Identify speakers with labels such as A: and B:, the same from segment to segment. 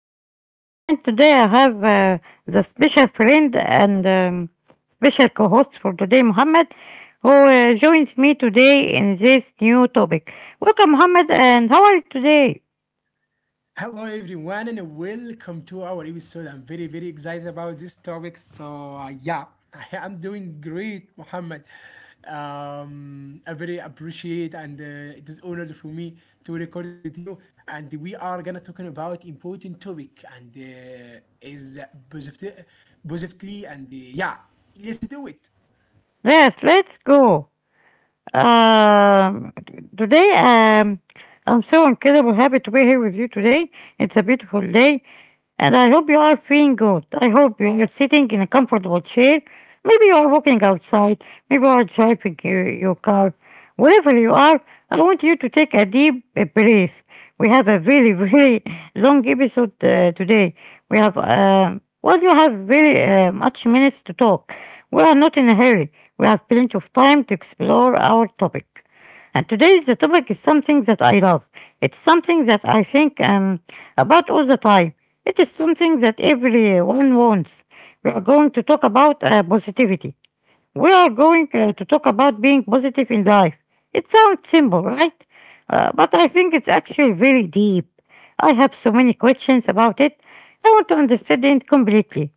A: Muhammad and today I have the special friend and special co-host for today, Muhammad, who joins me today in this new topic. Welcome Muhammad, and how are you today?
B: Hello everyone and welcome to our episode. I'm very very excited about this topic. So, yeah, I'm doing great, Muhammad. I very appreciate and it is honored for me to recording with you. And we are gonna talking about important topic and is positive, positively and yeah, let's do it.
A: Yes, let's go. Um, today I'm so incredibly happy to be here with you today. It's a beautiful day, and I hope you are feeling good. I hope you are sitting in a comfortable chair. Maybe you are walking outside. Maybe you are driving your car. Wherever you are, I want you to take a deep breath. We have a very, very long episode today. We have, well, you have very much minutes to talk. We are not in a hurry. We have plenty of time to explore our topic. And today the topic is something that I love. It's something that I think about all the time. It is something that everyone wants. We are going to talk about positivity. We are going to talk about being positive in life. It sounds simple, right? But I think it's actually very deep. I have so many questions about it. I want to understand it completely.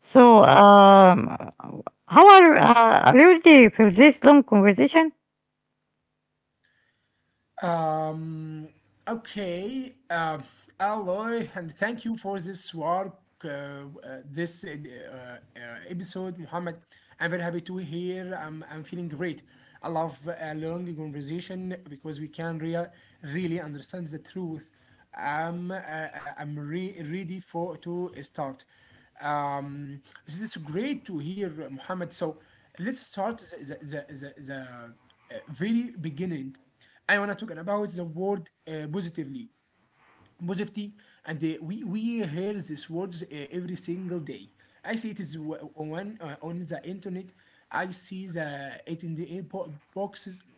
A: So, how are you ready for this long conversation?
B: Um, okay. Alloy, and thank you for this work, uh, uh, this episode, Muhammad. I'm very happy to hear. I'm feeling great. I love a long conversation because we can really understand the truth. I'm re ready for to start. Um, this is great to hear, Muhammad. So let's start the very beginning. I wanna talk about the word positivity, and we hear this words every single day. I see it is on the internet. I see the it in the inboxes.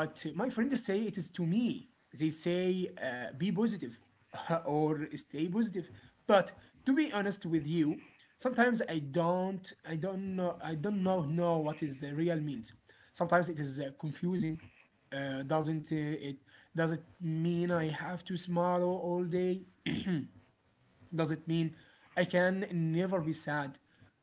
B: But my friends say it is to me. They say be positive or stay positive. But to be honest with you, sometimes I don't know what is the real means. Sometimes it is confusing. Doesn't it? Does it mean I have to smile all day? Does it mean I can never be sad?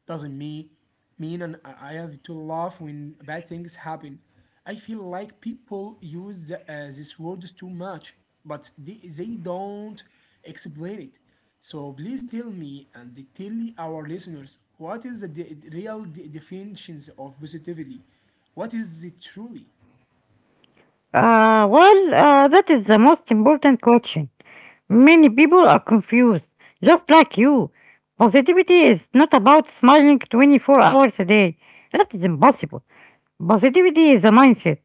B: Doesn't me mean and I have to laugh when bad things happen. I feel like people use this word too much, but they don't explain it. So please tell me and tell our listeners what is the real definitions of positivity? What is it truly?
A: That is the most important question. Many people are confused, just like you. Positivity is not about smiling 24 hours a day. That is impossible. Positivity is a mindset.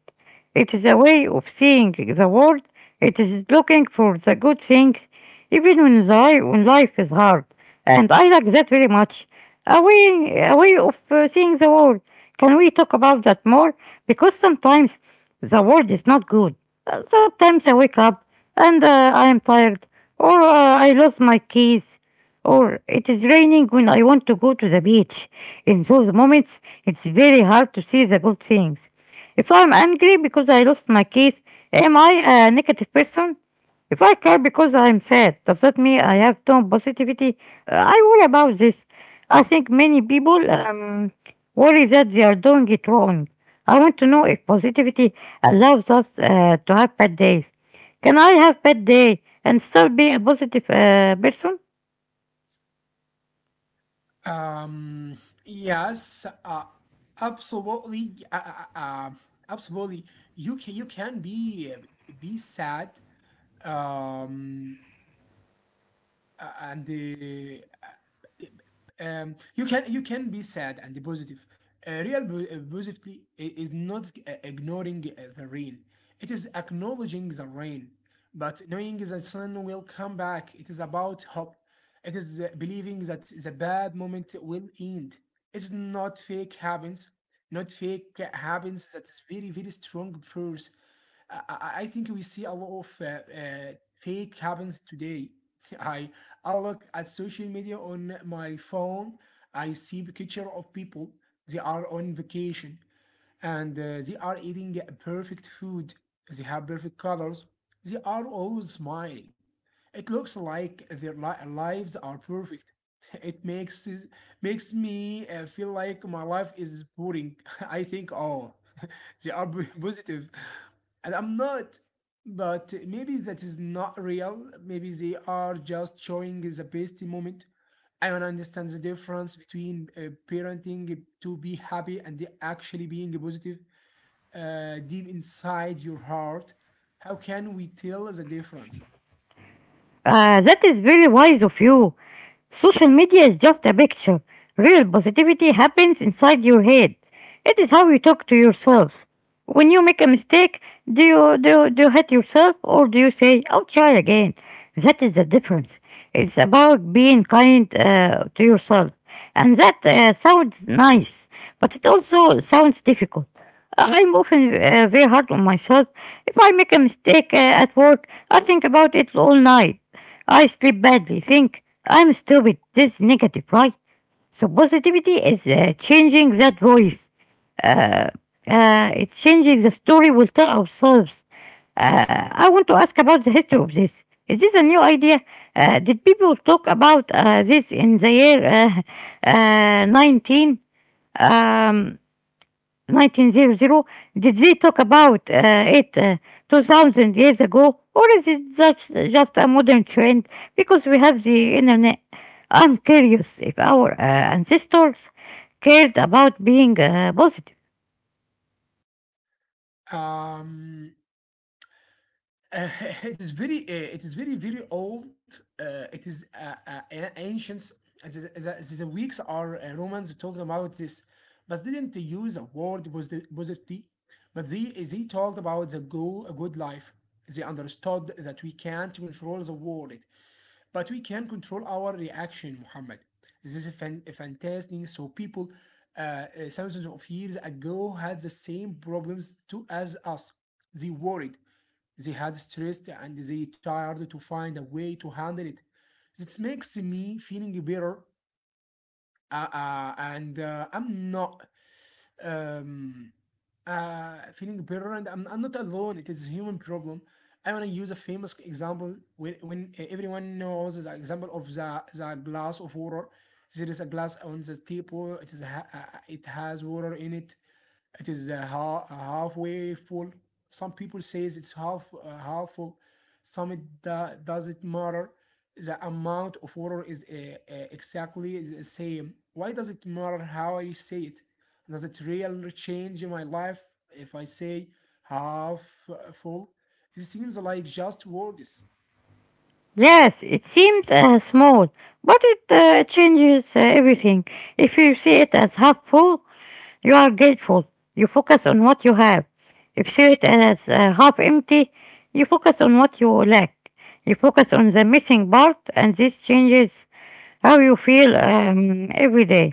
A: It is a way of seeing the world. It is looking for the good things, even when life is hard. And I like that very much. A way of seeing the world. Can we talk about that more? Because sometimes the world is not good. Sometimes I wake up and I am tired, or I lost my keys. Or it is raining when I want to go to the beach. In those moments, it's very hard to see the good things. If I'm angry because I lost my keys, am I a negative person? If I cry because I'm sad, does that mean I have no positivity? I worry about this. I think many people worry that they are doing it wrong. I want to know if positivity allows us to have bad days. Can I have bad day and still be a positive person?
B: Um, yes, absolutely, um, absolutely. You can be sad. Um, and you can be sad and positive. Real positivity is not ignoring the rain. It is acknowledging the rain, but knowing the sun will come back. It is about hope. It is believing that the bad moment will end. It's not fake happens, not fake happens. That is very very strong force. I think we see a lot of fake happens today. I I look at social media on my phone. I see picture of people. They are on vacation and they are eating perfect food. They have perfect colors. They are always smiling. It looks like their lives are perfect. It makes makes me feel like my life is boring. I think, oh, they are positive, and I'm not. But maybe that is not real. Maybe they are just showing the best moment. I don't understand the difference between parenting to be happy and actually being positive deep inside your heart. How can we tell the difference?
A: That is very wise of you. Social media is just a picture. Real positivity happens inside your head. It is how you talk to yourself. When you make a mistake, do you hate yourself or do you say, I'll try again? That is the difference. It's about being kind to yourself. And that sounds nice, but it also sounds difficult. I'm often very hard on myself. If I make a mistake at work, I think about it all night. I sleep badly, think, I'm stupid, this is negative, right? So positivity is changing that voice. Uh, it's changing the story we'll tell ourselves. I want to ask about the history of this. Is this a new idea? Did people talk about this in the year 19? Um, 1900, did we talk about it 2000 years ago, or is it just a modern trend because we have the internet? I'm curious if our ancestors cared about being positive.
B: Um, it is very, uh, it is very, very old. It is ancient. It is, the Greeks or Romans talked about this, but didn't use a word positivity. But they talked about a good life. They understood that we can't control the world but we can control our reaction, Muhammad. This is a fantastic. So people thousands of years ago had the same problems to as us. They worried, they had stressed, and they tried to find a way to handle it. This makes me feeling better, and I'm not. Um, Feeling better, and I'm not alone. It is a human problem. I want to use a famous example when everyone knows the example of the glass of water. There is a glass on the table. It has water in it. It is a halfway full. Some people says it's half full. Some, it doesn't matter. The amount of water is exactly the same. Why does it matter how I say it? Does it really change my life if I say half full? It seems like just words.
A: Yes, it seems small, but it changes everything. If you see it as half full, you are grateful. You focus on what you have. If you see it as half empty, you focus on what you lack. You focus on the missing part, and this changes how you feel every day.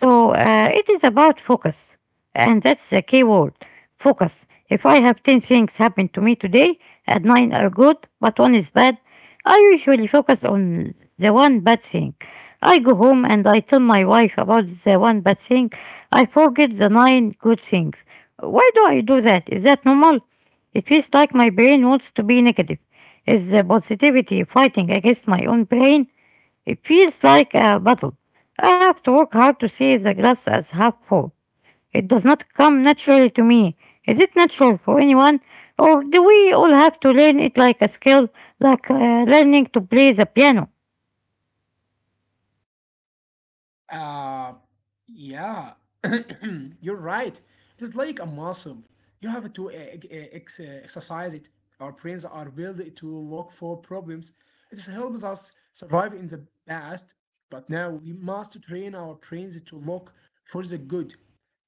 A: So it is about focus, and that's the key word focus. If I have 10 things happen to me today and 9 are good, but one is bad, I usually focus on the one bad thing. I go home and I tell my wife about the one bad thing. I forget the 9 good things. Why do I do that? Is that normal? It feels like my brain wants to be negative. Is the positivity fighting against my own brain? It feels like a battle. I have to work hard to see the glass as half full. It does not come naturally to me. Is it natural for anyone? Or do we all have to learn it like a skill, like learning to play the piano?
B: Uh, yeah, you're right. It's like a muscle. You have to exercise it. Our brains are built to look for problems. It helps us survive in the past, but now we must train our brains to look for the good.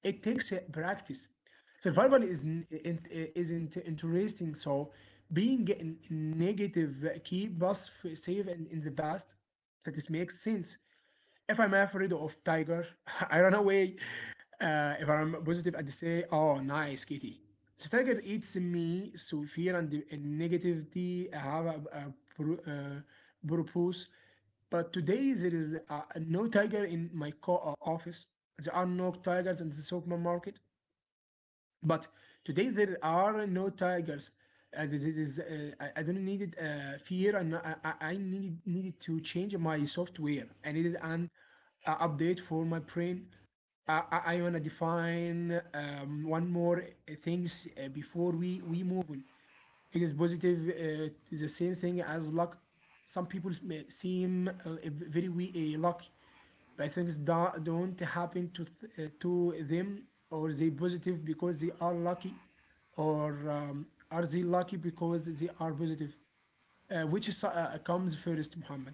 B: It takes practice. Survival is n- eh, in- isn't interesting, so being negative keep us safe in the past. That this makes sense if I'm afraid of tiger, I run away. If I'm positive and say, oh, nice kitty. The tiger eats me, so fear and negativity have a purpose. But today there is no tiger in my office. There are no tigers in the supermarket. But today there are no tigers. And I don't needed fear, and I needed to change my software. I needed an update for my brain. I wanna define one more things before we move on. It is positive. The same thing as luck. Some people may seem very lucky, but things don't happen to to them, or they positive because they are lucky, or are they lucky because they are positive? Which comes first, Muhammad?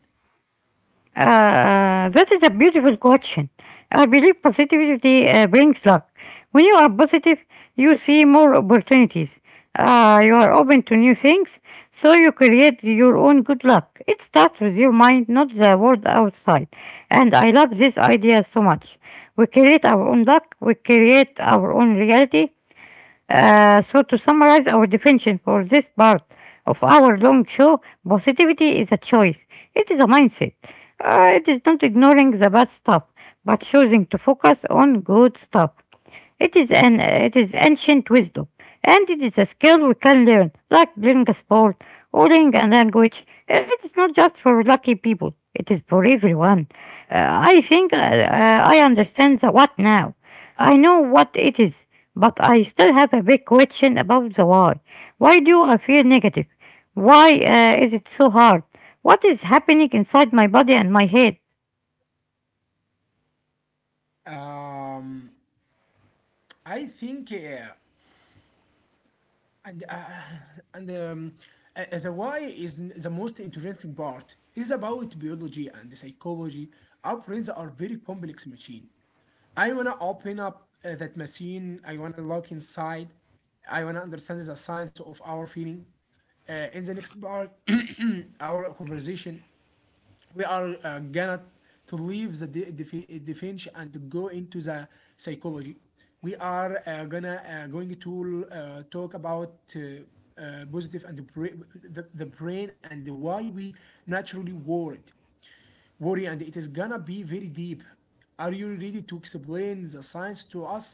A: That is a beautiful question. I believe positivity brings luck. When you are positive, you see more opportunities. You are open to new things, so you create your own good luck. It starts with your mind, not the world outside. And I love this idea so much. We create our own luck, we create our own reality, so, to summarize our definition for this part of our long show, positivity is a choice. It is a mindset. It is not ignoring the bad stuff, but choosing to focus on good stuff. It is ancient wisdom, and it is a skill we can learn, like playing a sport or learning a language. It is not just for lucky people; it is for everyone. I understand the what now. I know what it is, but I still have a big question about the why. Why do I feel negative? Why is it so hard? What is happening inside my body and my head?
B: Um, I think. And and um, the why is the most interesting part. It's about biology and psychology. Our brains are very complex machine. I wanna open up that machine. I wanna look inside. I wanna understand the science of our feeling. In the next part, our conversation, we are gonna to leave the defense and go into the psychology. We are gonna going to talk about positive and the brain and why we naturally worried worry, and it is gonna be very deep. Are you ready to explain the science to us?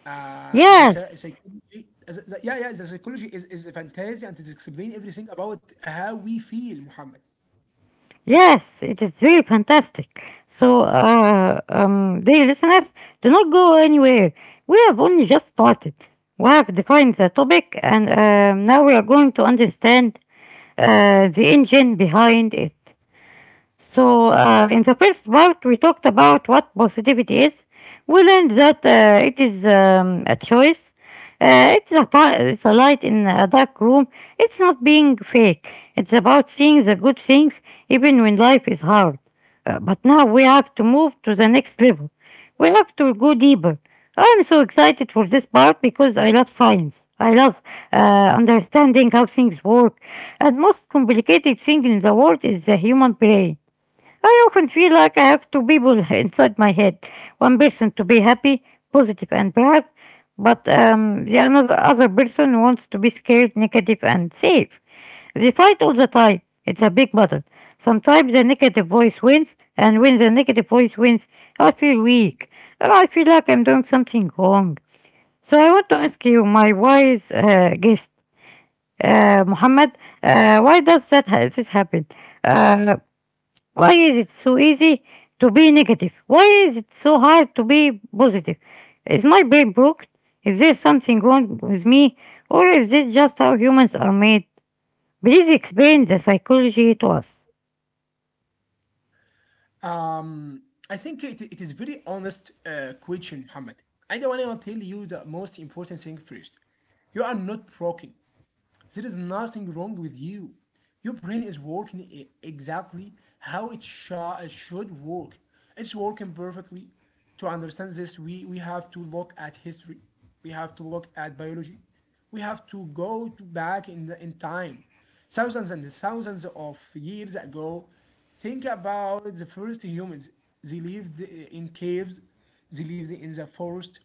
B: The
A: Yes,
B: psychology, yeah, yeah, the psychology is a fantasy and it explains everything about how we feel, Muhammad.
A: yes, it is really fantastic. So, dear listeners, do not go anywhere. We have only just started. We have defined the topic, and now we are going to understand the engine behind it. So, in the first part, we talked about what positivity is. We learned that it is a choice. It's a light in a dark room. It's not being fake. It's about seeing the good things even when life is hard. But now we have to move to the next level. We have to go deeper. I'm so excited for this part because I love science. I love uh, understanding how things work. And most complicated thing in the world is the human brain. I often feel like I have two people inside my head. One person to be happy, positive, and proud, but the another other person wants to be scared, negative, and safe. They fight all the time. It's a big battle. Sometimes the negative voice wins, and when the negative voice wins, I feel weak. Or I feel like I'm doing something wrong. So I want to ask you, my wise guest, Muhammad, why does this happen? Uh, why is it so easy to be negative? Why is it so hard to be positive? Is my brain broken? Is there something wrong with me? Or is this just how humans are made? Please explain the psychology to us.
B: Um, I think it is very honest question, Muhammad. I don't want to tell you the most important thing first. You are not broken. There is nothing wrong with you. Your brain is working exactly how it should work. It's working perfectly. To understand this, we have to look at history. We have to look at biology. We have to go to back in time. Thousands and thousands of years ago, think about the first humans. They lived in caves, they lived in the forest,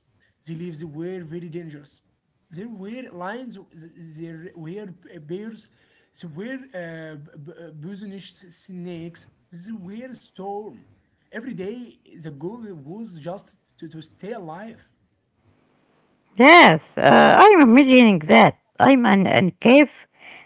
B: they lived were very dangerous there were lines, there were bears, there were poisonous snakes, there were storm. Every day, the goal was just to, stay alive.
A: Yes, I'm imagining that. I'm an cave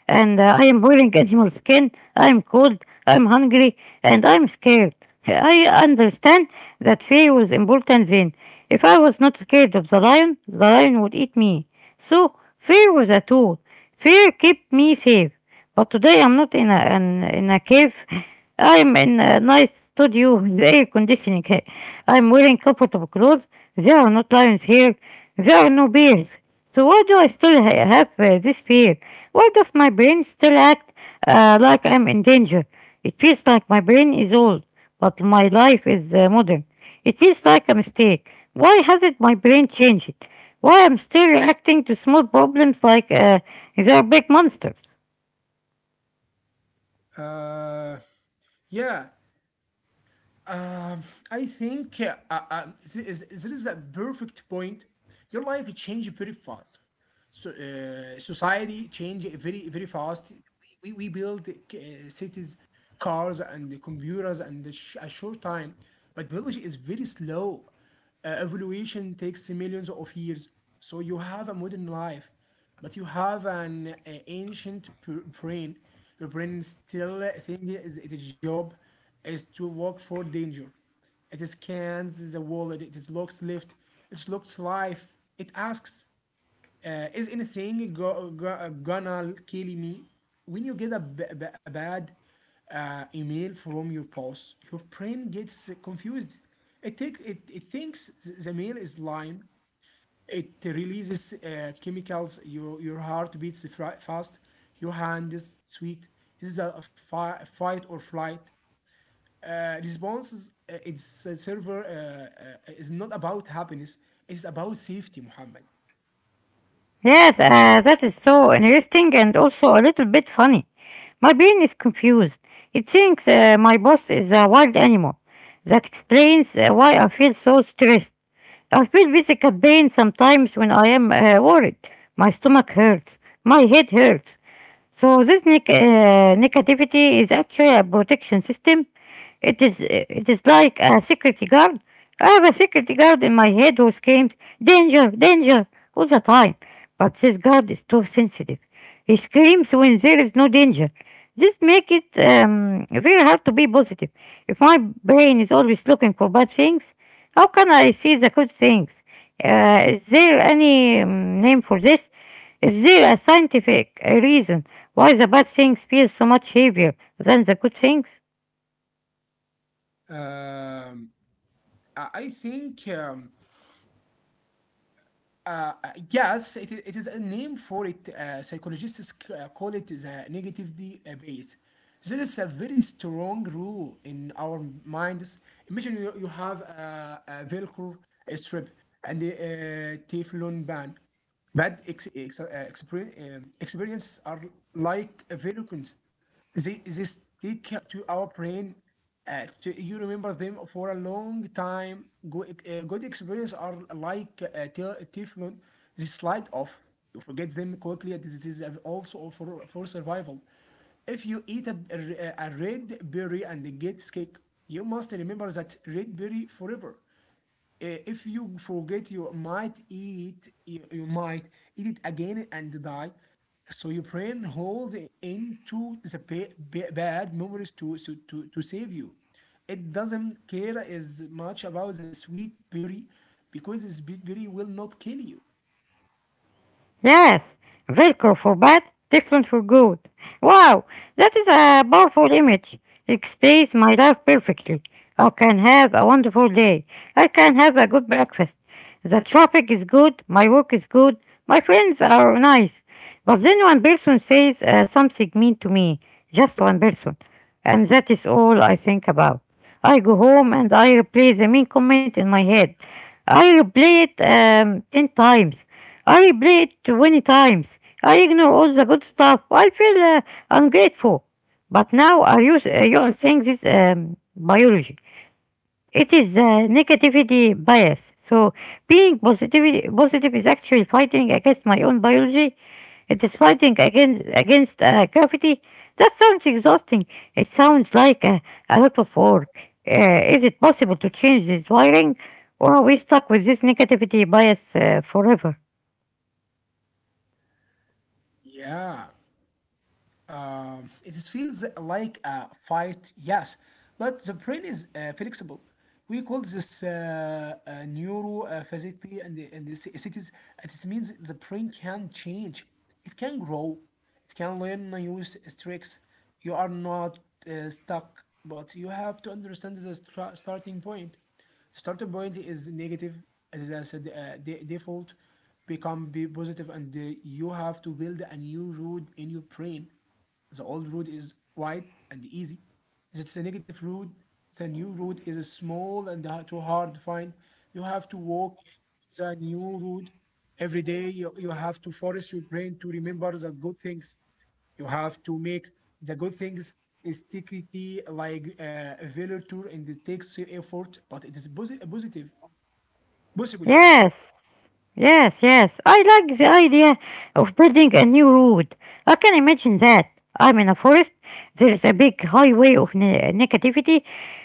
A: and I am wearing animal skin. I'm cold, I'm hungry, and I'm scared. I understand that fear was important then. If I was not scared of the lion would eat me. So, fear was a tool. Fear kept me safe. But today I'm not in in a cave. I'm in a nice studio with air conditioning. I'm wearing comfortable clothes. There are no lions here. There are no bears. So why do I still have this fear? Why does my brain still act like I'm in danger? It feels like my brain is old, but my life is modern. It feels like a mistake. Why hasn't my brain changed it? Why I'm still reacting to small problems like they're big monsters?
B: Uh, yeah, um, I think there is a perfect point. Your life changed very fast. So, society change very very fast. We build cities, cars, and the computers, and a short time. But biology is very slow. Evolution takes millions of years. So you have a modern life, but you have an ancient brain. Your brain still thinking is its job is to work for danger. It scans the world. It looks left. It looks life. It asks. Is anything gonna kill me? When you get a bad email from your boss, your brain gets confused. It thinks the mail is lying. It releases chemicals. Your heart beats fast. Your hand is sweet. This is a fight or flight responses. It's a server is not about happiness. It's about safety, Muhammad.
A: Yes, that is so interesting and also a little bit funny. My brain is confused. It thinks my boss is a wild animal. That explains why I feel so stressed. I feel physical pain sometimes when I am worried. My stomach hurts. My head hurts. So this negativity is actually a protection system. It is like a security guard. I have a security guard in my head who screams danger, danger all the time, but this guard is too sensitive. He screams when there is no danger. This makes it very hard to be positive. If my brain is always looking for bad things, how can I see the good things? Is there any name for this? Is there a scientific reason why the bad things feel so much heavier than the good things?
B: Um, I think yes, it is a name for it. Psychologists call it the negativity base. There is a very strong rule in our minds. Imagine you have a Velcro strip and a Teflon pan. Bad experiences are like a virus. They stick to our brain. You remember them for a long time. Good experiences are like Teflon. They slide off. You forget them quickly. And this is also for, survival. If you eat a red berry and it gets sick, you must remember that red berry forever. If you forget, you might eat it again and die. So your brain holds it into the bad memories so to save you. It doesn't care as much about the sweet berry because the sweet berry will not kill you.
A: Yes, Velcro for bad, different for good. Wow, that is a powerful image. Explains my life perfectly. I can have a wonderful day. I can have a good breakfast. The traffic is good, my work is good, my friends are nice. But then one person says something mean to me, just one person. And that is all I think about. I go home and I replay the mean comment in my head. I replay it 10 times. I replay it 20 times. I ignore all the good stuff. I feel ungrateful. But now I use, you are saying this biology. It is negativity bias. So being positive is actually fighting against my own biology. It is fighting against gravity. That sounds exhausting. It sounds like a lot of work. Is it possible to change this wiring, or are we stuck with this negativity bias forever?
B: Yeah. It feels like a fight, yes, but the brain is flexible. We call this neurophysicity, and it is means the brain can change. It can grow. It can learn tricks. You are not stuck, but you have to understand the starting point. The starting point is negative, as I said, default become be positive, and you have to build a new road in your brain. The old road is wide and easy. It's a negative road. The new road is small and too hard to find. You have to walk the new road every day. You have to force your brain to remember the good things. You have to make the good things sticky like a velour tour, and it takes effort, but it is positive. Possible, yeah.
A: Yes, yes, yes. I like the idea of building a new road. I can imagine that. I'm in a forest, there is a big highway of negativity,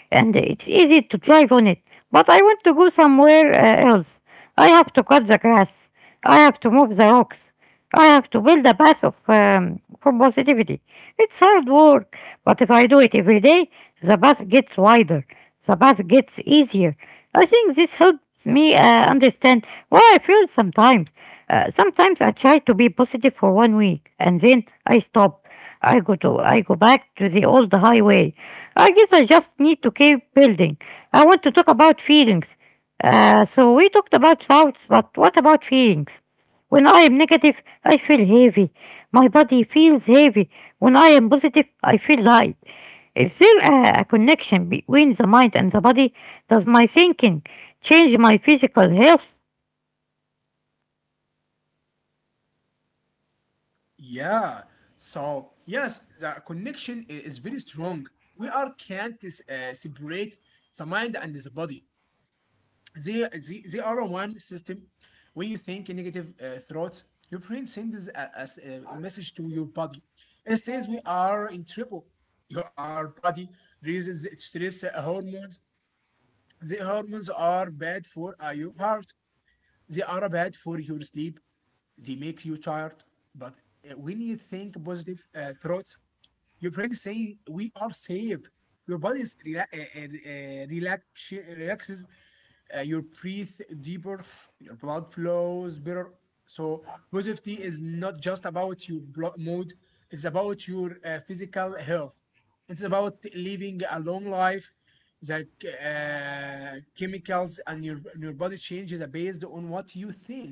A: and it's easy to drive on it. But I want to go somewhere else. I have to cut the grass, I have to move the rocks, I have to build a path of, from positivity. It's hard work, but if I do it every day, the path gets wider, the path gets easier. I think this helps me understand what I feel sometimes. Sometimes I try to be positive for 1 week, and then I stop. I go back to the old highway. I guess I just need to keep building. I want to talk about feelings. So we talked about thoughts, but what about feelings? When I am negative, I feel heavy. My body feels heavy. When I am positive, I feel light. Is there a connection between the mind and the body? Does my thinking change my physical health?
B: Yeah. So yes, the connection is very strong. We are can't s- separate the mind and the body. They are one system. When you think negative thoughts, your brain sends a message to your body. It says, we are in trouble. Your our body releases stress hormones. The hormones are bad for your heart. They are bad for your sleep. They make you tired. But when you think positive thoughts, your brain say we are safe. Your body relaxes. You breathe deeper, your blood flows better. So positivity is not just about your mood; it's about your physical health. It's about living a long life. The chemicals and your body changes are based on what you think.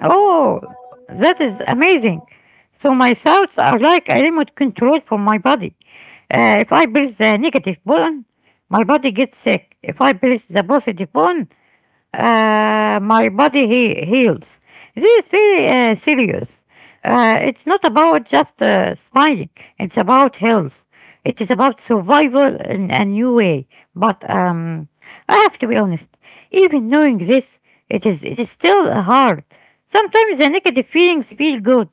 A: Oh, that is amazing. So my thoughts are like a remote control for my body. If I press the negative button, my body gets sick. If I press the positive button, my body heals. This is very serious. It's not about just smiling, it's about health. It is about survival in a new way. But I have to be honest, even knowing this, it is still hard. Sometimes the negative feelings feel good.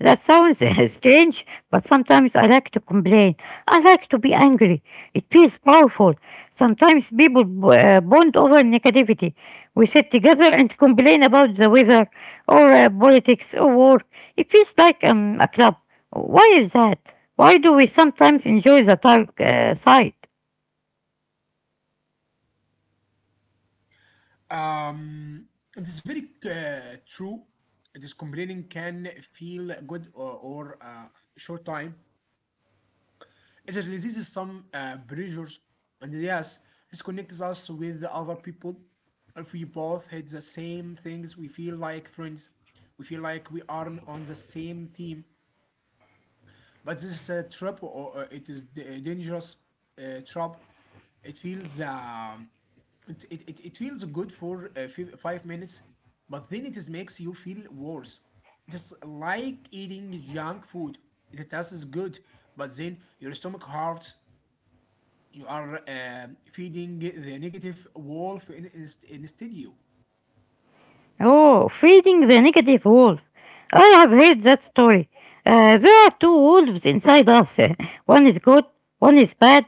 A: That sounds strange, but sometimes I like to complain. I like to be angry. It feels powerful. Sometimes people bond over negativity. We sit together and complain about the weather, or politics, or war. It feels like a club. Why is that? Why do we sometimes enjoy the dark side?
B: Um, it is very true. This complaining can feel good, or short time. It is releases some pressures, and yes, this connects us with the other people. If we both hate the same things, we feel like friends. We feel like we are on the same team. But this trap, or it is a dangerous trap. It feels it, it, it, it feels good for 5 minutes, but then it is makes you feel worse. It's like eating junk food. It tastes good, but then your stomach hurts. You are feeding the negative wolf instead you.
A: Oh, feeding the negative wolf. I have heard that story. There are two wolves inside us. One is good, one is bad.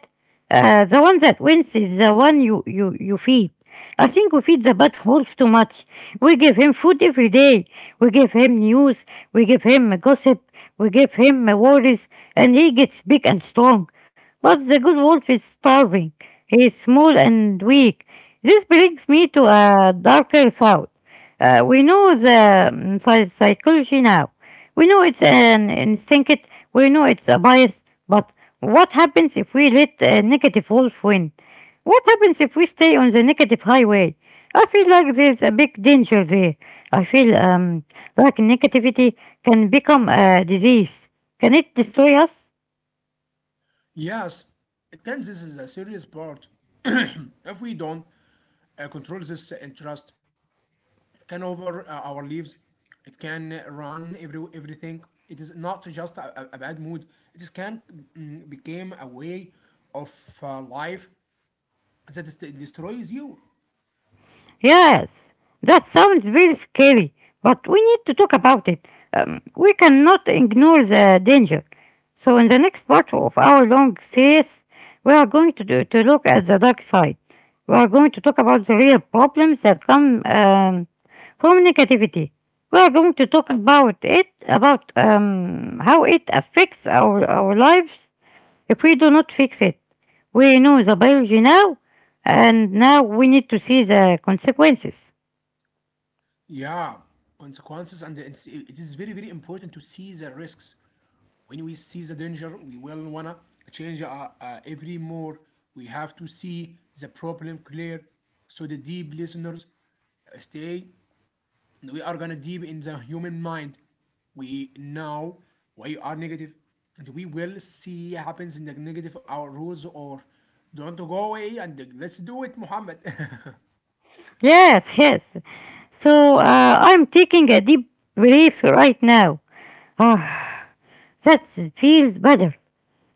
A: The one that wins is the one you feed. I think we feed the bad wolf too much. We give him food every day. We give him news. We give him gossip. We give him worries. And he gets big and strong. But the good wolf is starving. He is small and weak. This brings me to a darker thought. We know the psychology now. We know it's an instinct. We know it's a bias. But what happens if we let a negative wolf win? What happens if we stay on the negative highway? I feel like there's a big danger there. I feel like negativity can become a disease. Can it destroy us?
B: Yes, it can. This is a serious part. If we don't control this interest, it can over our lives. It can run everything. It is not just a bad mood. It is can became a way of life that is, destroys you.
A: Yes, that sounds very scary, but we need to talk about it. We cannot ignore the danger. So, in the next part of our long series, we are going to look at the dark side. We are going to talk about the real problems that come from negativity. We are going to talk about about how it affects our lives if we do not fix it. We know the biology now, and now we need to see the consequences.
B: Yeah, consequences, and it is very very important to see the risks. When we see the danger, we will wanna change every more. We have to see the problem clear, so the deep listeners stay. We are gonna deep in the human mind. We know why you are negative, and we will see happens in the negative our rules or don't go away, and let's do it, Muhammad.
A: Yes, yes. So I'm taking a deep breath right now. Ah, that feels better.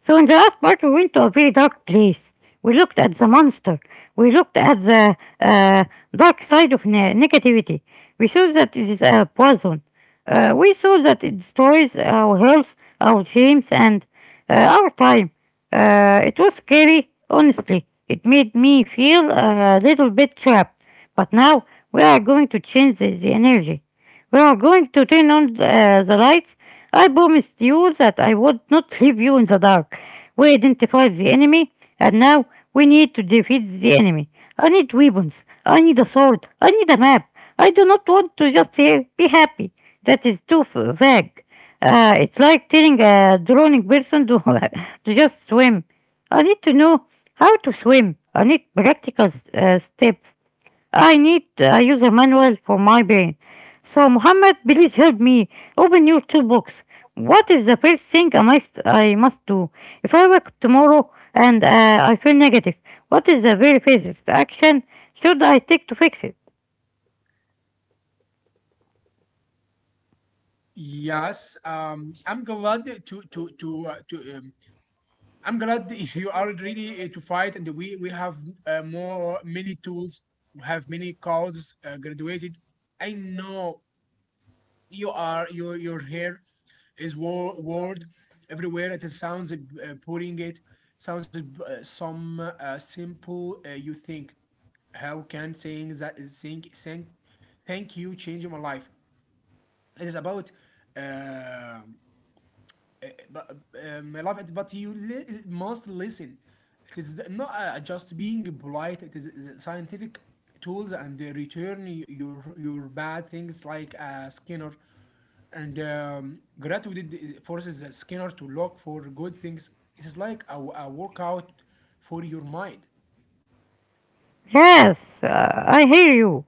A: So in the last part, we went to a very dark place. We looked at the monster. We looked at the dark side of negativity. We saw that it is a poison. We saw that it destroys our health, our dreams, and our time. It was scary, honestly. It made me feel a little bit trapped. But now we are going to change the energy. We are going to turn on the lights. I promised you that I would not leave you in the dark. We identified the enemy, and now we need to defeat the enemy. I need weapons. I need a sword. I need a map. I do not want to just say, be happy. That is too vague. It's like telling a drowning person to just swim. I need to know how to swim. I need practical steps. I need a user manual for my brain. So, Mohammed, please help me. Open your toolbox. What is the first thing I must do? If I wake up tomorrow and I feel negative, what is the very first action should I take to fix it?
B: Yes, I'm glad you are ready to fight, and we have more many tools. We have many codes graduated. I know you are your hair is word everywhere. It sounds putting it sounds some simple. You think, how can saying that saying saying thank you change my life? It is about. Um but I love it, but you must listen. It is not just being polite. It is the scientific tools, and they return your bad things like Skinner and gratitude forces Skinner to look for good things. It is like a workout for your mind.
A: Yes, I hear you.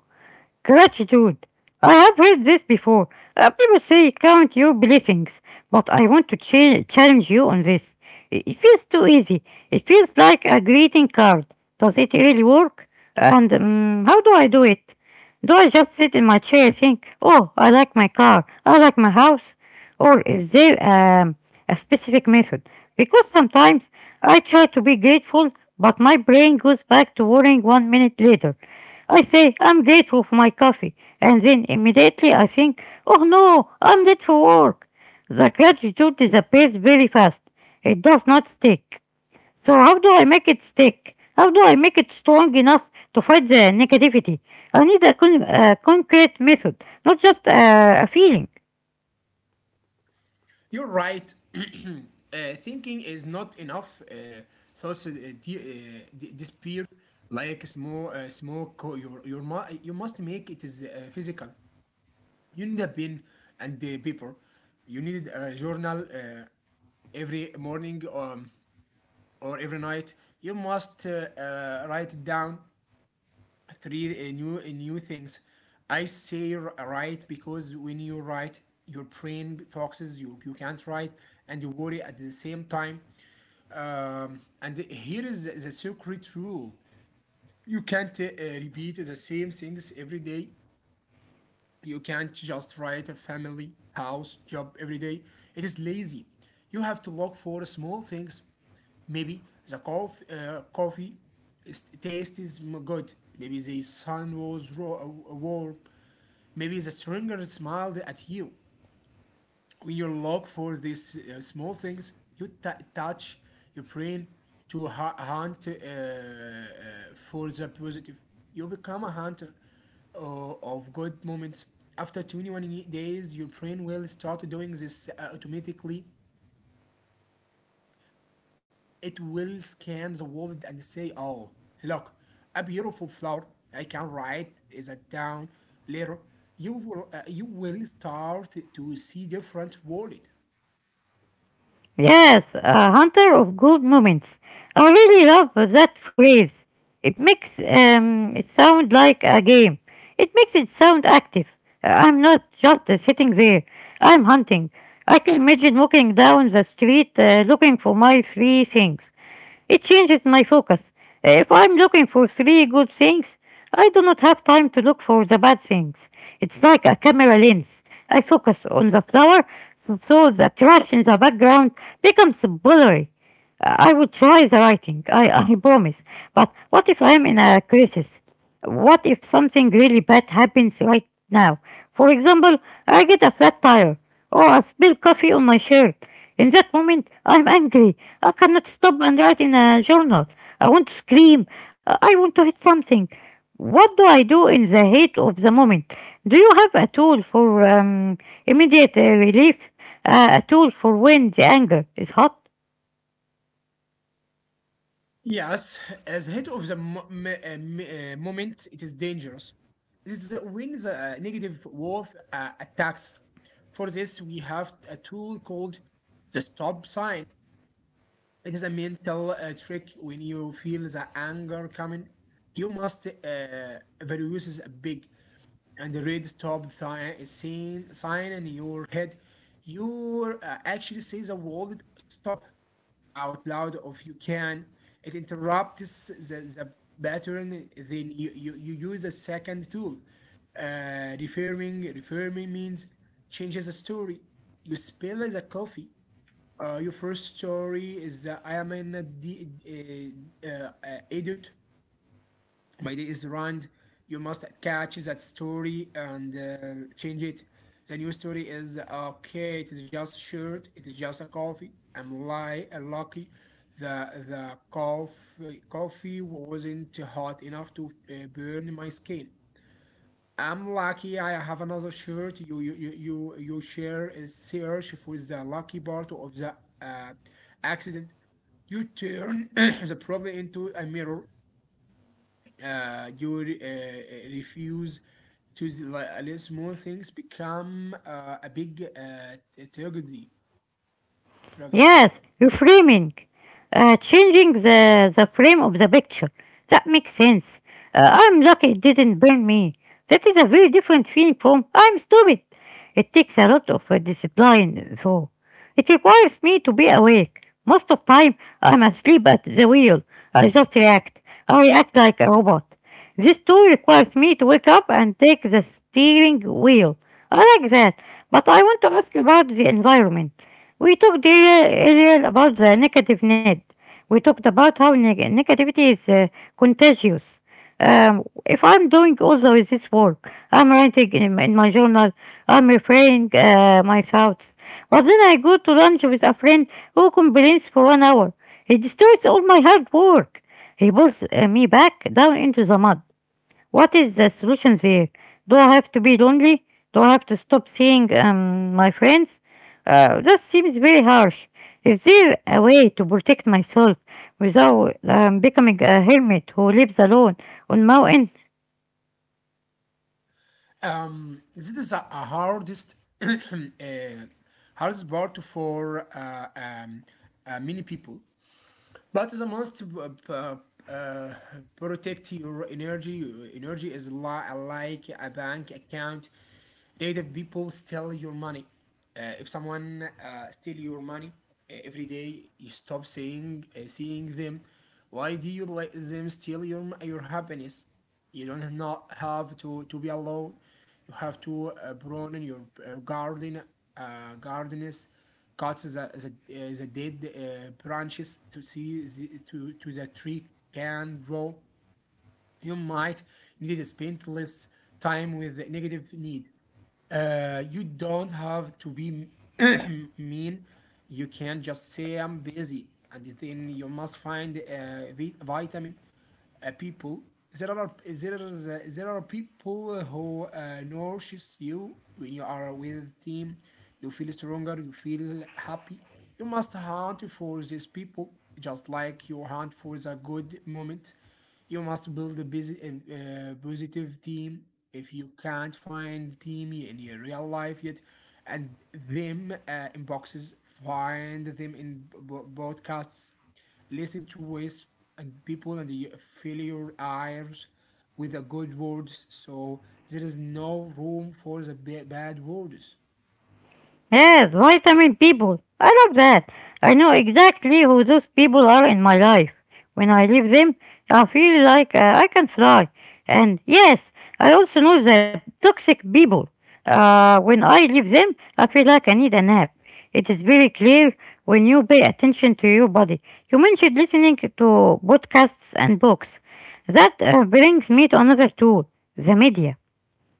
A: Gratitude. I have heard this before. People say count your blessings, but I want to challenge you on this. It feels too easy. It feels like a greeting card. Does it really work? And how do I do it? Do I just sit in my chair and think, oh, I like my car, I like my house? Or is there a specific method? Because sometimes I try to be grateful, but my brain goes back to worrying 1 minute later. I say I'm grateful for my coffee, and then immediately I think, oh no, I'm late for work. The gratitude disappears very fast. It does not stick. So how do I make it stick? How do I make it strong enough to fight the negativity? I need a concrete method, not just a feeling.
B: You're right. Thinking is not enough. Thoughts disappear like smoke. Smoke. Or You must make it is physical. You need a pen and the paper. You need a journal every morning, or every night. You must write it down three new new things. I say right, because when you write, your brain focuses. You can't write and you worry at the same time. And here is the secret rule: you can't repeat the same things every day. You can't just write a family house job every day. It is lazy. You have to look for small things. Maybe the coffee taste is good. Maybe the sun was warm. Maybe the stranger smiled at you. When you look for these small things, you touch your brain to hunt for the positive. You become a hunter of good moments. After 21 days, your brain will start doing this automatically. It will scan the world and say, oh, look, a beautiful flower. I can write that down later. You will start to see different world.
A: Yes, a hunter of good moments. I really love that phrase. It makes it sound like a game. It makes it sound active. I'm not just sitting there. I'm hunting. I can imagine walking down the street looking for my three things. It changes my focus. If I'm looking for three good things, I do not have time to look for the bad things. It's like a camera lens. I focus on the flower, so the trash in the background becomes blurry. I would try the writing, I promise. But what if I'm in a crisis? What if something really bad happens right now? For example, I get a flat tire or I spill coffee on my shirt. In that moment, I'm angry. I cannot stop and write in a journal. I want to scream. I want to hit something. What do I do in the heat of the moment? Do you have a tool for immediate relief? A tool for when the anger is hot?
B: Yes, as head of the moment, it is dangerous. This is when the negative wolf attacks. For this, we have a tool called the stop sign. It is a mental trick. When you feel the anger coming, you must reduce a big and the red stop sign in your head. You actually say the word stop out loud if you can. It interrupts the pattern. Then you use a second tool. Referring means changes the story. You spill the coffee. Your first story is that I am an idiot, my day is ruined. You must catch that story and change it. The new story is, okay, it is just shirt, it is just a coffee, I'm lucky. The coffee wasn't hot enough to burn my skin. I'm lucky. I have another shirt. You share a search for the lucky part of the uh, accident. You turn the problem into a mirror. Your refuse to the little small things become a big tragedy.
A: Yes,
B: Tragedy.
A: reframing, changing the frame of the picture. That makes sense. I'm lucky it didn't burn me. That is a very different feeling from I'm stupid. It takes a lot of discipline, though. It requires me to be awake. Most of time, I'm asleep at the wheel. I just react. I react like a robot. This tool requires me to wake up and take the steering wheel. I like that, but I want to ask about the environment. We talked earlier about the negative net. We talked about how negativity is contagious. If I'm doing also with this work, I'm writing in my journal, I'm referring my thoughts. But then I go to lunch with a friend who complains for 1 hour. He destroys all my hard work. He pulls me back down into the mud. What is the solution there? Do I have to be lonely? Do I have to stop seeing my friends? That seems very harsh. Is there a way to protect myself without becoming a hermit who lives alone on mountain?
B: This is a hardest uh, hardest part for many people, but the most uh, protect your energy. Your energy is like a bank account. Native people steal your money. If someone steal your money every day, you stop seeing them. Why do you let them steal your happiness? You don't not have to be alone. You have to prune your garden. Gardeners cut the dead branches to see the, to the tree can grow. You might need to spend less time with the negative need. You don't have to be mean. You can just say, I'm busy, and then you must find vitamin people. There are there are there are people who nourishes you when you are with team. You feel stronger. You feel happy. You must hunt for these people, just like you hunt for the good moments. You must build a positive team. If you can't find team in your real life yet, and them in boxes, find them in broadcasts. Listen to ways and people, and you fill your ears with the good words. So there is no room for the bad words.
A: Yes, vitamin people. I love that. I know exactly who those people are in my life. When I leave them, I feel like I can fly. And yes, I also know the toxic people. When I leave them, I feel like I need a nap. It is very clear when you pay attention to your body. You mentioned listening to podcasts and books. That brings me to another tool the media.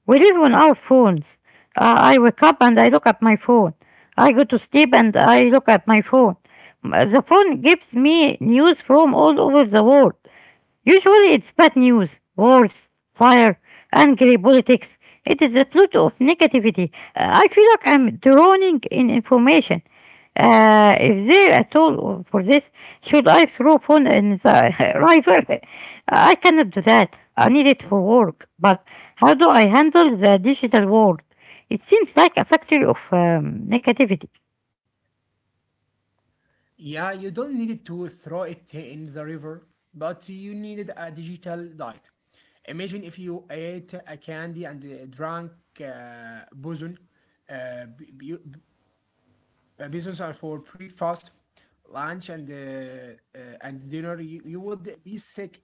A: We live on our phones. I wake up and I look at my phone. I go to sleep and I look at my phone. The phone gives me news from all over the world. Usually it's bad news, wars, fire, angry politics. It is a flood of negativity. I feel like I'm drowning in information. Is there a tool for this? Should I throw phone in the river? I cannot do that. I need it for work. But how do I handle the digital world? It seems like a factory of negativity.
B: Yeah, you don't need to throw it in the river, but you needed a digital diet. Imagine if you ate a candy and drank boson. Uh, b- b- uh, Bosons are for breakfast, lunch, and dinner. You would be sick.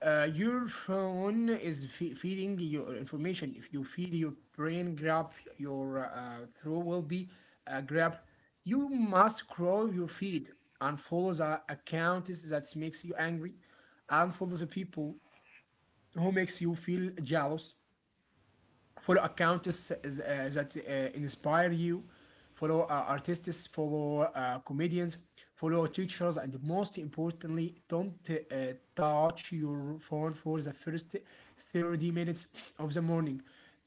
B: Your phone is feeding your information. If you feed your brain grab, your throat will be grabbed. You must scroll your feed and follow the accounts that makes you angry, and follow the people who makes you feel jealous. Follow accounts that inspire you. Follow artists, follow comedians, follow teachers. And most importantly, don't touch your phone for the first 30 minutes of the morning.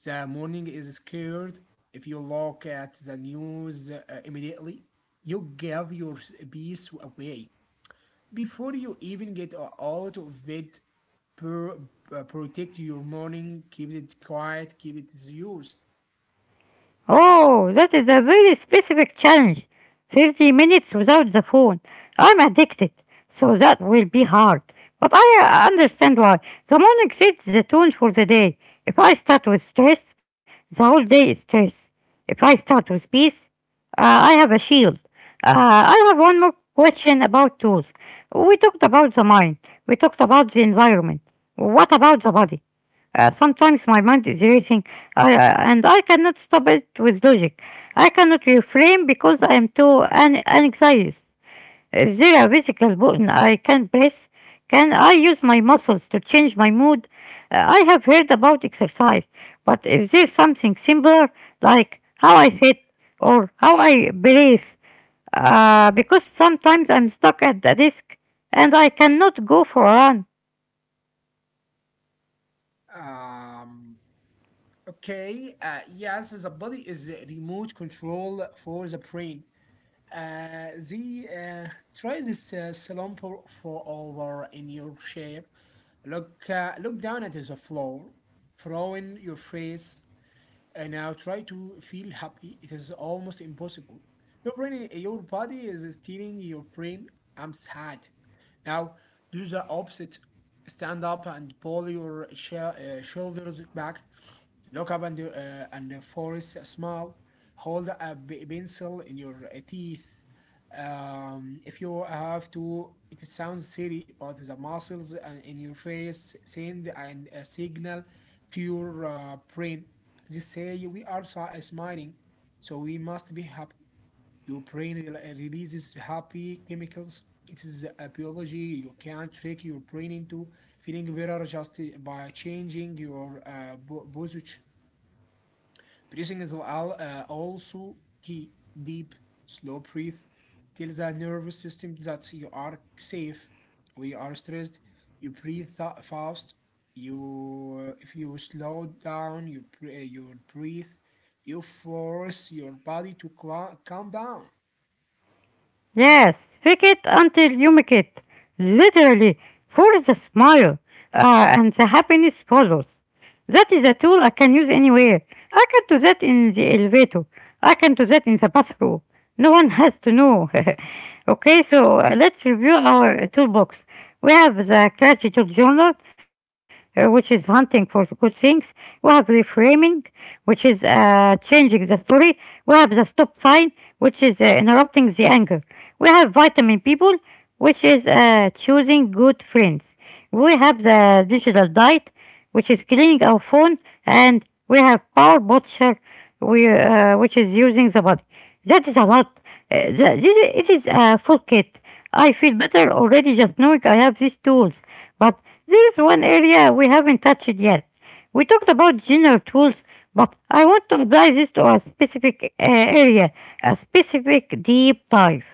B: The morning is scared. If you look at the news immediately, you give your peace away before you even get out of bed. Protect your morning, keep it quiet, keep it yours.
A: Oh, that is a very specific challenge. 30 minutes without the phone. I'm addicted, so that will be hard. But I understand why. The morning sets the tone for the day. If I start with stress, the whole day is stress. If I start with peace, I have a shield. I have one more question about tools. We talked about the mind, we talked about the environment. What about the body? Sometimes my mind is racing and I cannot stop it with logic. I cannot refrain because I am too anxious. Is there a physical button I can press? Can I use my muscles to change my mood? I have heard about exercise, but is there something simpler like how I hit or how I breathe? Because sometimes I'm stuck at the desk and I cannot go for a run.
B: Um, okay, yes, the body is a remote control for the brain. The Try this slumber for over in your chair. Look down at the floor, throwing your face. And now try to feel happy. It is almost impossible. Your brain, your body is telling your brain, "I'm sad." Now do the opposite. Stand up and pull your shoulders back. Look up and force a smile. Hold a pencil in your teeth. If you have to, it sounds silly, but the muscles in your face send and a signal to your brain. They say we are smiling, so we must be happy. Your brain releases happy chemicals. It is a biology. You can't trick your brain into feeling better just by changing your posture. Breathing is also key. Deep, slow breath. Tell the nervous system that you are safe. We are stressed. You breathe fast. If you slow down, you breathe. You force your body to calm down.
A: Yes, fake it until you make it. Literally, for the smile, and the happiness follows. That is a tool I can use anywhere. I can do that in the elevator. I can do that in the bathroom. No one has to know. Okay, so let's review our toolbox. We have the gratitude journal, which is hunting for good things. We have reframing, which is changing the story. We have the stop sign, which is interrupting the anger. We have vitamin people, which is choosing good friends. We have the digital diet, which is cleaning our phone, and we have power butcher, which is using the body. That is a lot. The, this, it is a full kit. I feel better already just knowing I have these tools. But there is one area we haven't touched yet. We talked about general tools, but I want to apply this to a specific area, a specific deep dive.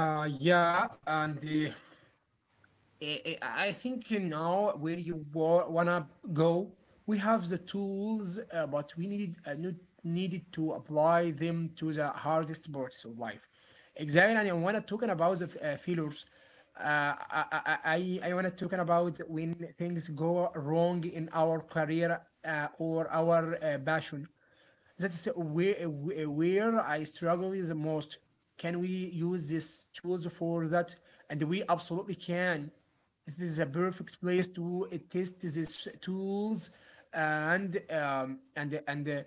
B: Yeah, and I think you know where you wanna go. We have the tools, but we needed no- needed to apply them to the hardest parts of life. Exactly, and I wanna talking about the failures. Uh, I I I wanna talking about when things go wrong in our career or our passion. That's where I struggle the most. Can we use these tools for that? And we absolutely can. This is a perfect place to test these tools and um, and and uh,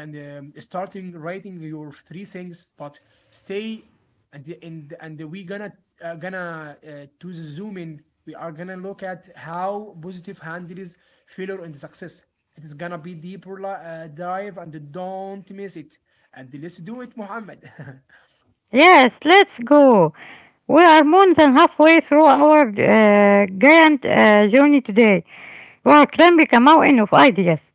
B: and starting writing your three things, but stay and we gonna to the zoom in. We are gonna look at how positive handles failure and success. It is gonna be deeper dive and don't miss it. And let's do it, Muhammad.
A: Yes, let's go. We are more than halfway through our giant journey today. We are climbing a mountain of ideas.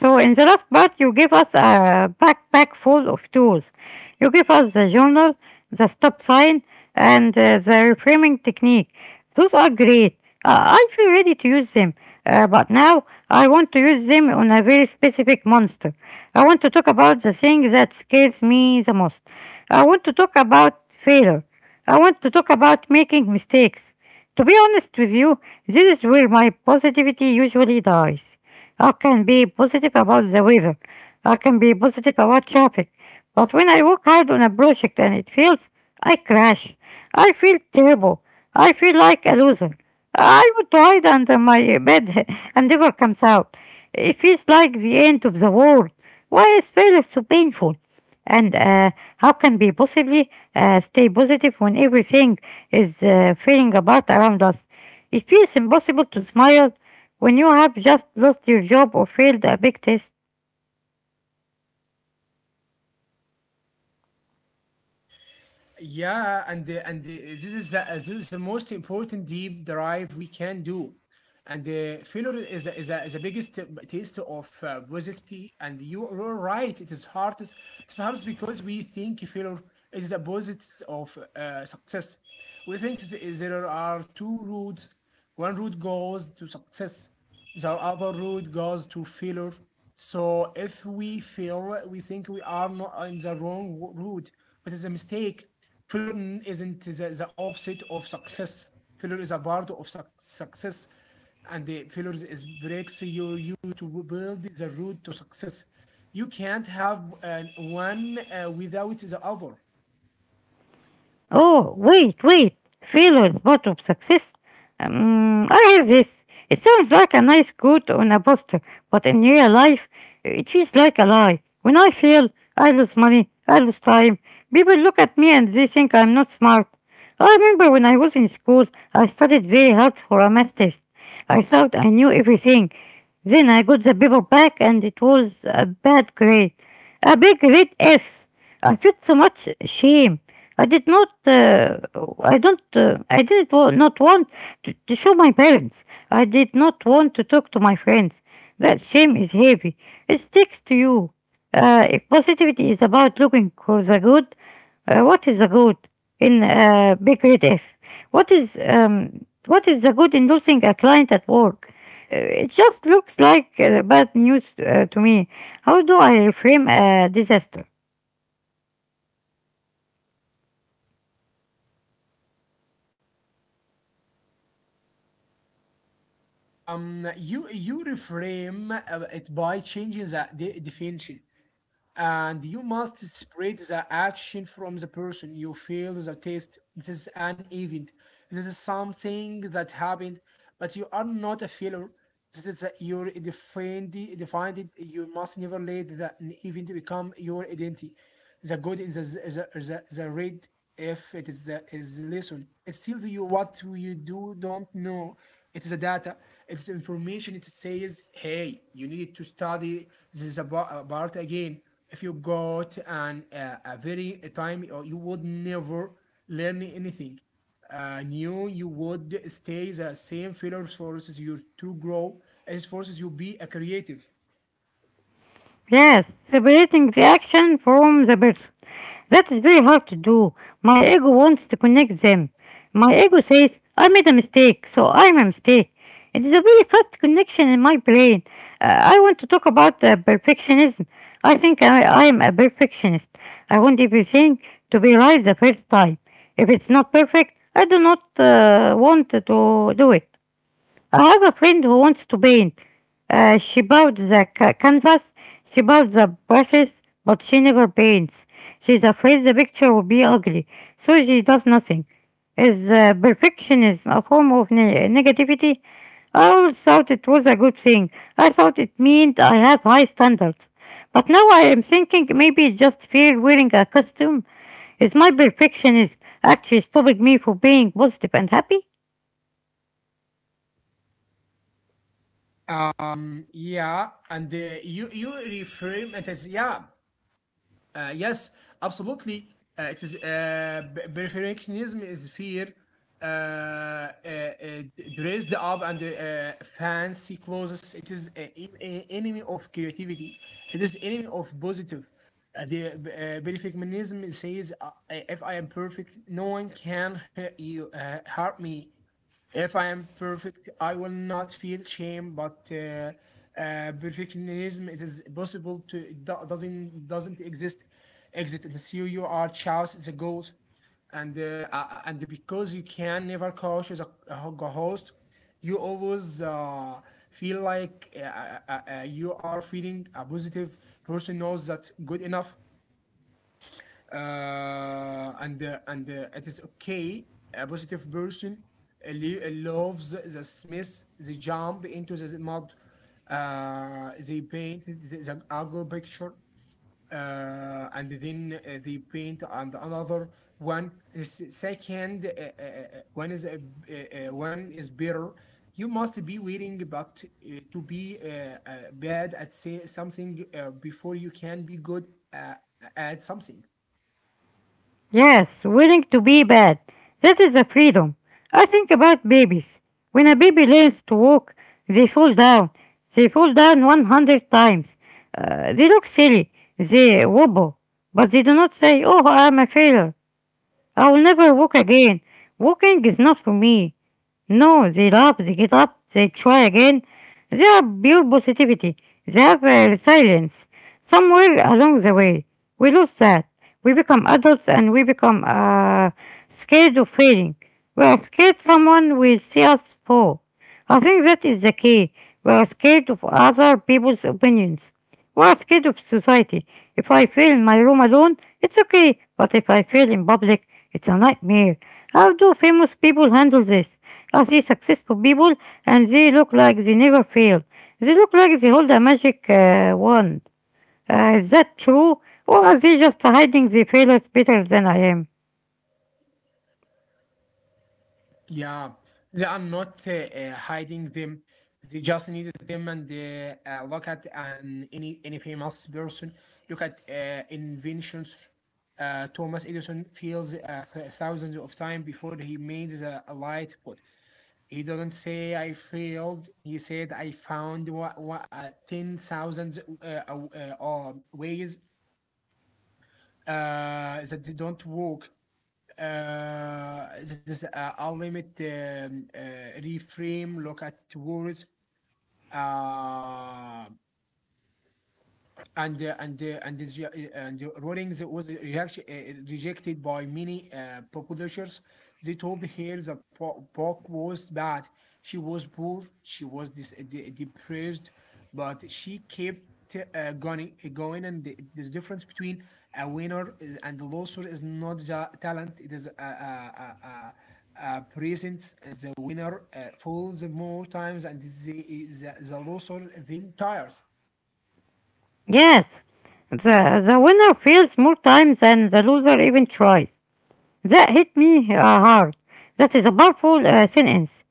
A: So, in the last part, you give us a backpack full of tools. You give us the journal, the stop sign, and the reframing technique. Those are great. I feel ready to use them, but now I want to use them on a very specific monster. I want to talk about the thing that scares me the most. I want to talk about failure. I want to talk about making mistakes. To be honest with you, this is where my positivity usually dies. I can be positive about the weather. I can be positive about traffic. But when I work hard on a project and it fails, I crash. I feel terrible. I feel like a loser. I would hide under my bed and never comes out. It feels like the end of the world. Why is failure so painful? And how can we possibly stay positive when everything is falling apart around us? It feels impossible to smile when you have just lost your job or failed a big test.
B: Yeah, and the, this is the, this is the most important deep drive we can do. And failure is the biggest taste of positivity. And you are right. It is hardest. It's hardest because we think failure is the opposite of success. We think there are two routes. One route goes to success. The upper road goes to failure. So if we fail, we think we are not in the wrong route, but it's a mistake. Failure isn't the opposite of success. Failure is a part of success, and the failure is breaks you to build the route to success. You can't have one without the other.
A: Oh, wait, wait. Failure, part of success? I have this. It sounds like a nice quote on a poster, but in real life, it feels like a lie. When I fail, I lose money, I lose time. People look at me and they think I'm not smart. I remember when I was in school, I studied very hard for a math test. I thought I knew everything. Then I got the paper back and it was a bad grade. A big red F. I felt so much shame. I did not. I don't. I did wa- not want to show my parents. I did not want to talk to my friends. That shame is heavy. It sticks to you. If positivity is about looking for the good, what is the good in big red F? What is the good in losing a client at work? It just looks like bad news to me. How do I reframe a disaster?
B: You reframe it by changing the de definition. And you must spread the action from the person. You feel the taste. This is an event. This is something that happened, but you are not a failure. This is your defined. You must never let that an event become your identity. The good in the the red, if it is the lesson. It tells you what you do don't know. It's the data. It's the information. It says, hey, you need to study this part again. If you go to an a very a time or, you would never learn anything new. You would stay the same. Failures forces you to grow. It forces you be a creative.
A: Yes, separating the action from the person. That is very hard to do. My ego wants to connect them. My ego says, I made a mistake, so I'm a mistake. It is a very fast connection in my brain. I want to talk about perfectionism. I think I am a perfectionist. I want everything to be right the first time. If it's not perfect, I do not want to do it. I have a friend who wants to paint. She bought the canvas, she bought the brushes, but she never paints. She's afraid the picture will be ugly, so she does nothing. Is perfectionism a form of negativity? I always thought it was a good thing. I thought it meant I have high standards. But now I am thinking maybe it's just fear wearing a costume. Is my perfectionism actually stopping me from being positive and happy?
B: Yeah, and you reframe it as yeah, yes, absolutely. Perfectionism is fear, uh, uh, uh, dressed up and fancy clothes. It is enemy of creativity. It is enemy of positive. The Perfectionism says, if I am perfect, no one can hurt me. If I am perfect, I will not feel shame. But perfectionism, it is possible to it do- doesn't exist. Exit the CEO, you are chouse. It's a goal, and because you can never coach as a host, you always feel like you are feeling. A positive person knows that's good enough, and it is okay. A positive person loves the smith. They jump into the mud. They paint the ugly picture. And then they paint and another one is second, one is, one is better. You must be willing but to be bad at say something before you can be good uh, at something.
A: Yes, willing to be bad. That is a freedom. I think about babies. When a baby learns to walk, they fall down. They fall down 100 times. They look silly. They wobble. But they do not say, oh, I'm a failure. I'll never walk again. Walking is not for me. No, they laugh, they get up, they try again. They are pure positivity. They have resilience. Somewhere along the way, we lose that. We become adults and we become scared of failing. We are scared someone will see us fall. I think that is the key. We are scared of other people's opinions. What's scared of society? If I fail in my room alone, it's okay, but if I fail in public, it's a nightmare. How do famous people handle this? I see successful people and they look like they never fail. They look like they hold a magic wand. Is that true? Or are they just hiding their failures better than I am?
B: Yeah, they are not hiding them. They just needed them and look at an any famous person. Look at inventions. Thomas Edison failed thousands of times before he made the light bulb. He didn't say I failed. He said I found what, 10,000 ways that don't work. That is a limit. Reframe, look at words. Uh, and uh, and uh, and the, uh, and the rulings was reaction, rejected by many publishers. They told her the book was bad. She was poor. She was depressed, but she kept. Going, going. And this difference between a winner is, and a loser is not talent. It is a presents. The winner falls more times, and the loser then tires.
A: Yes, the winner fails more times than the loser even tries. That hit me hard. That is a powerful sentence.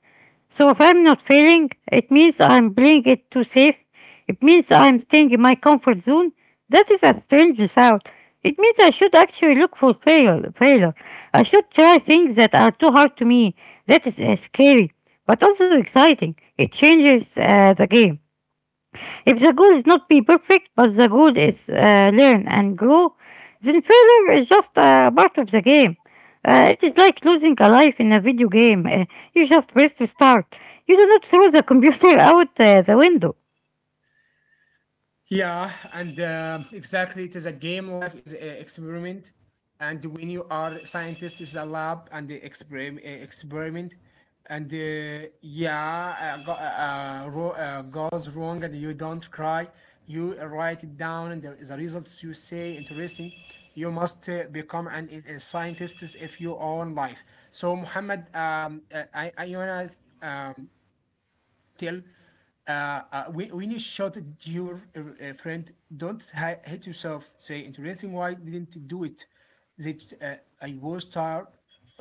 A: So if I'm not failing, it means I'm playing it too safe. It means I'm staying in my comfort zone. That is a strange thought. It means I should actually look for failure. I should try things that are too hard to me. That is scary, but also exciting. It changes the game. If the goal is not be perfect, but the goal is learn and grow, then failure is just a part of the game. It is like losing a life in a video game. You just press restart. You do not throw the computer out the window.
B: Yeah, and exactly, it is a game. Life is an experiment, and when you are scientist, it's a lab and the experiment, and yeah, goes wrong, and you don't cry. You write it down, and there is a results, you say interesting. You must become an a scientist if you own life. So Muhammad, I wanna um, tell, uh, when you shot your friend, don't hate yourself. Say, interesting, why didn't do it? That, I was tired.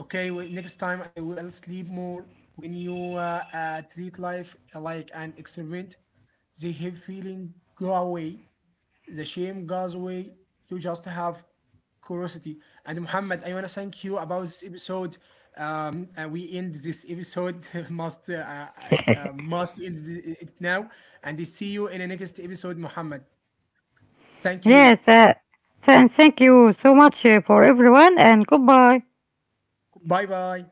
B: Okay, well, next time I will sleep more. When you treat life like an experiment, the heavy feeling go away, the shame goes away. You just have curiosity. And Muhammad, I want to thank you about this episode. We end this episode must end it now, and I see you in the next episode, Muhammad. Thank you.
A: Yes, and thank you so much for everyone, and goodbye.
B: Bye bye.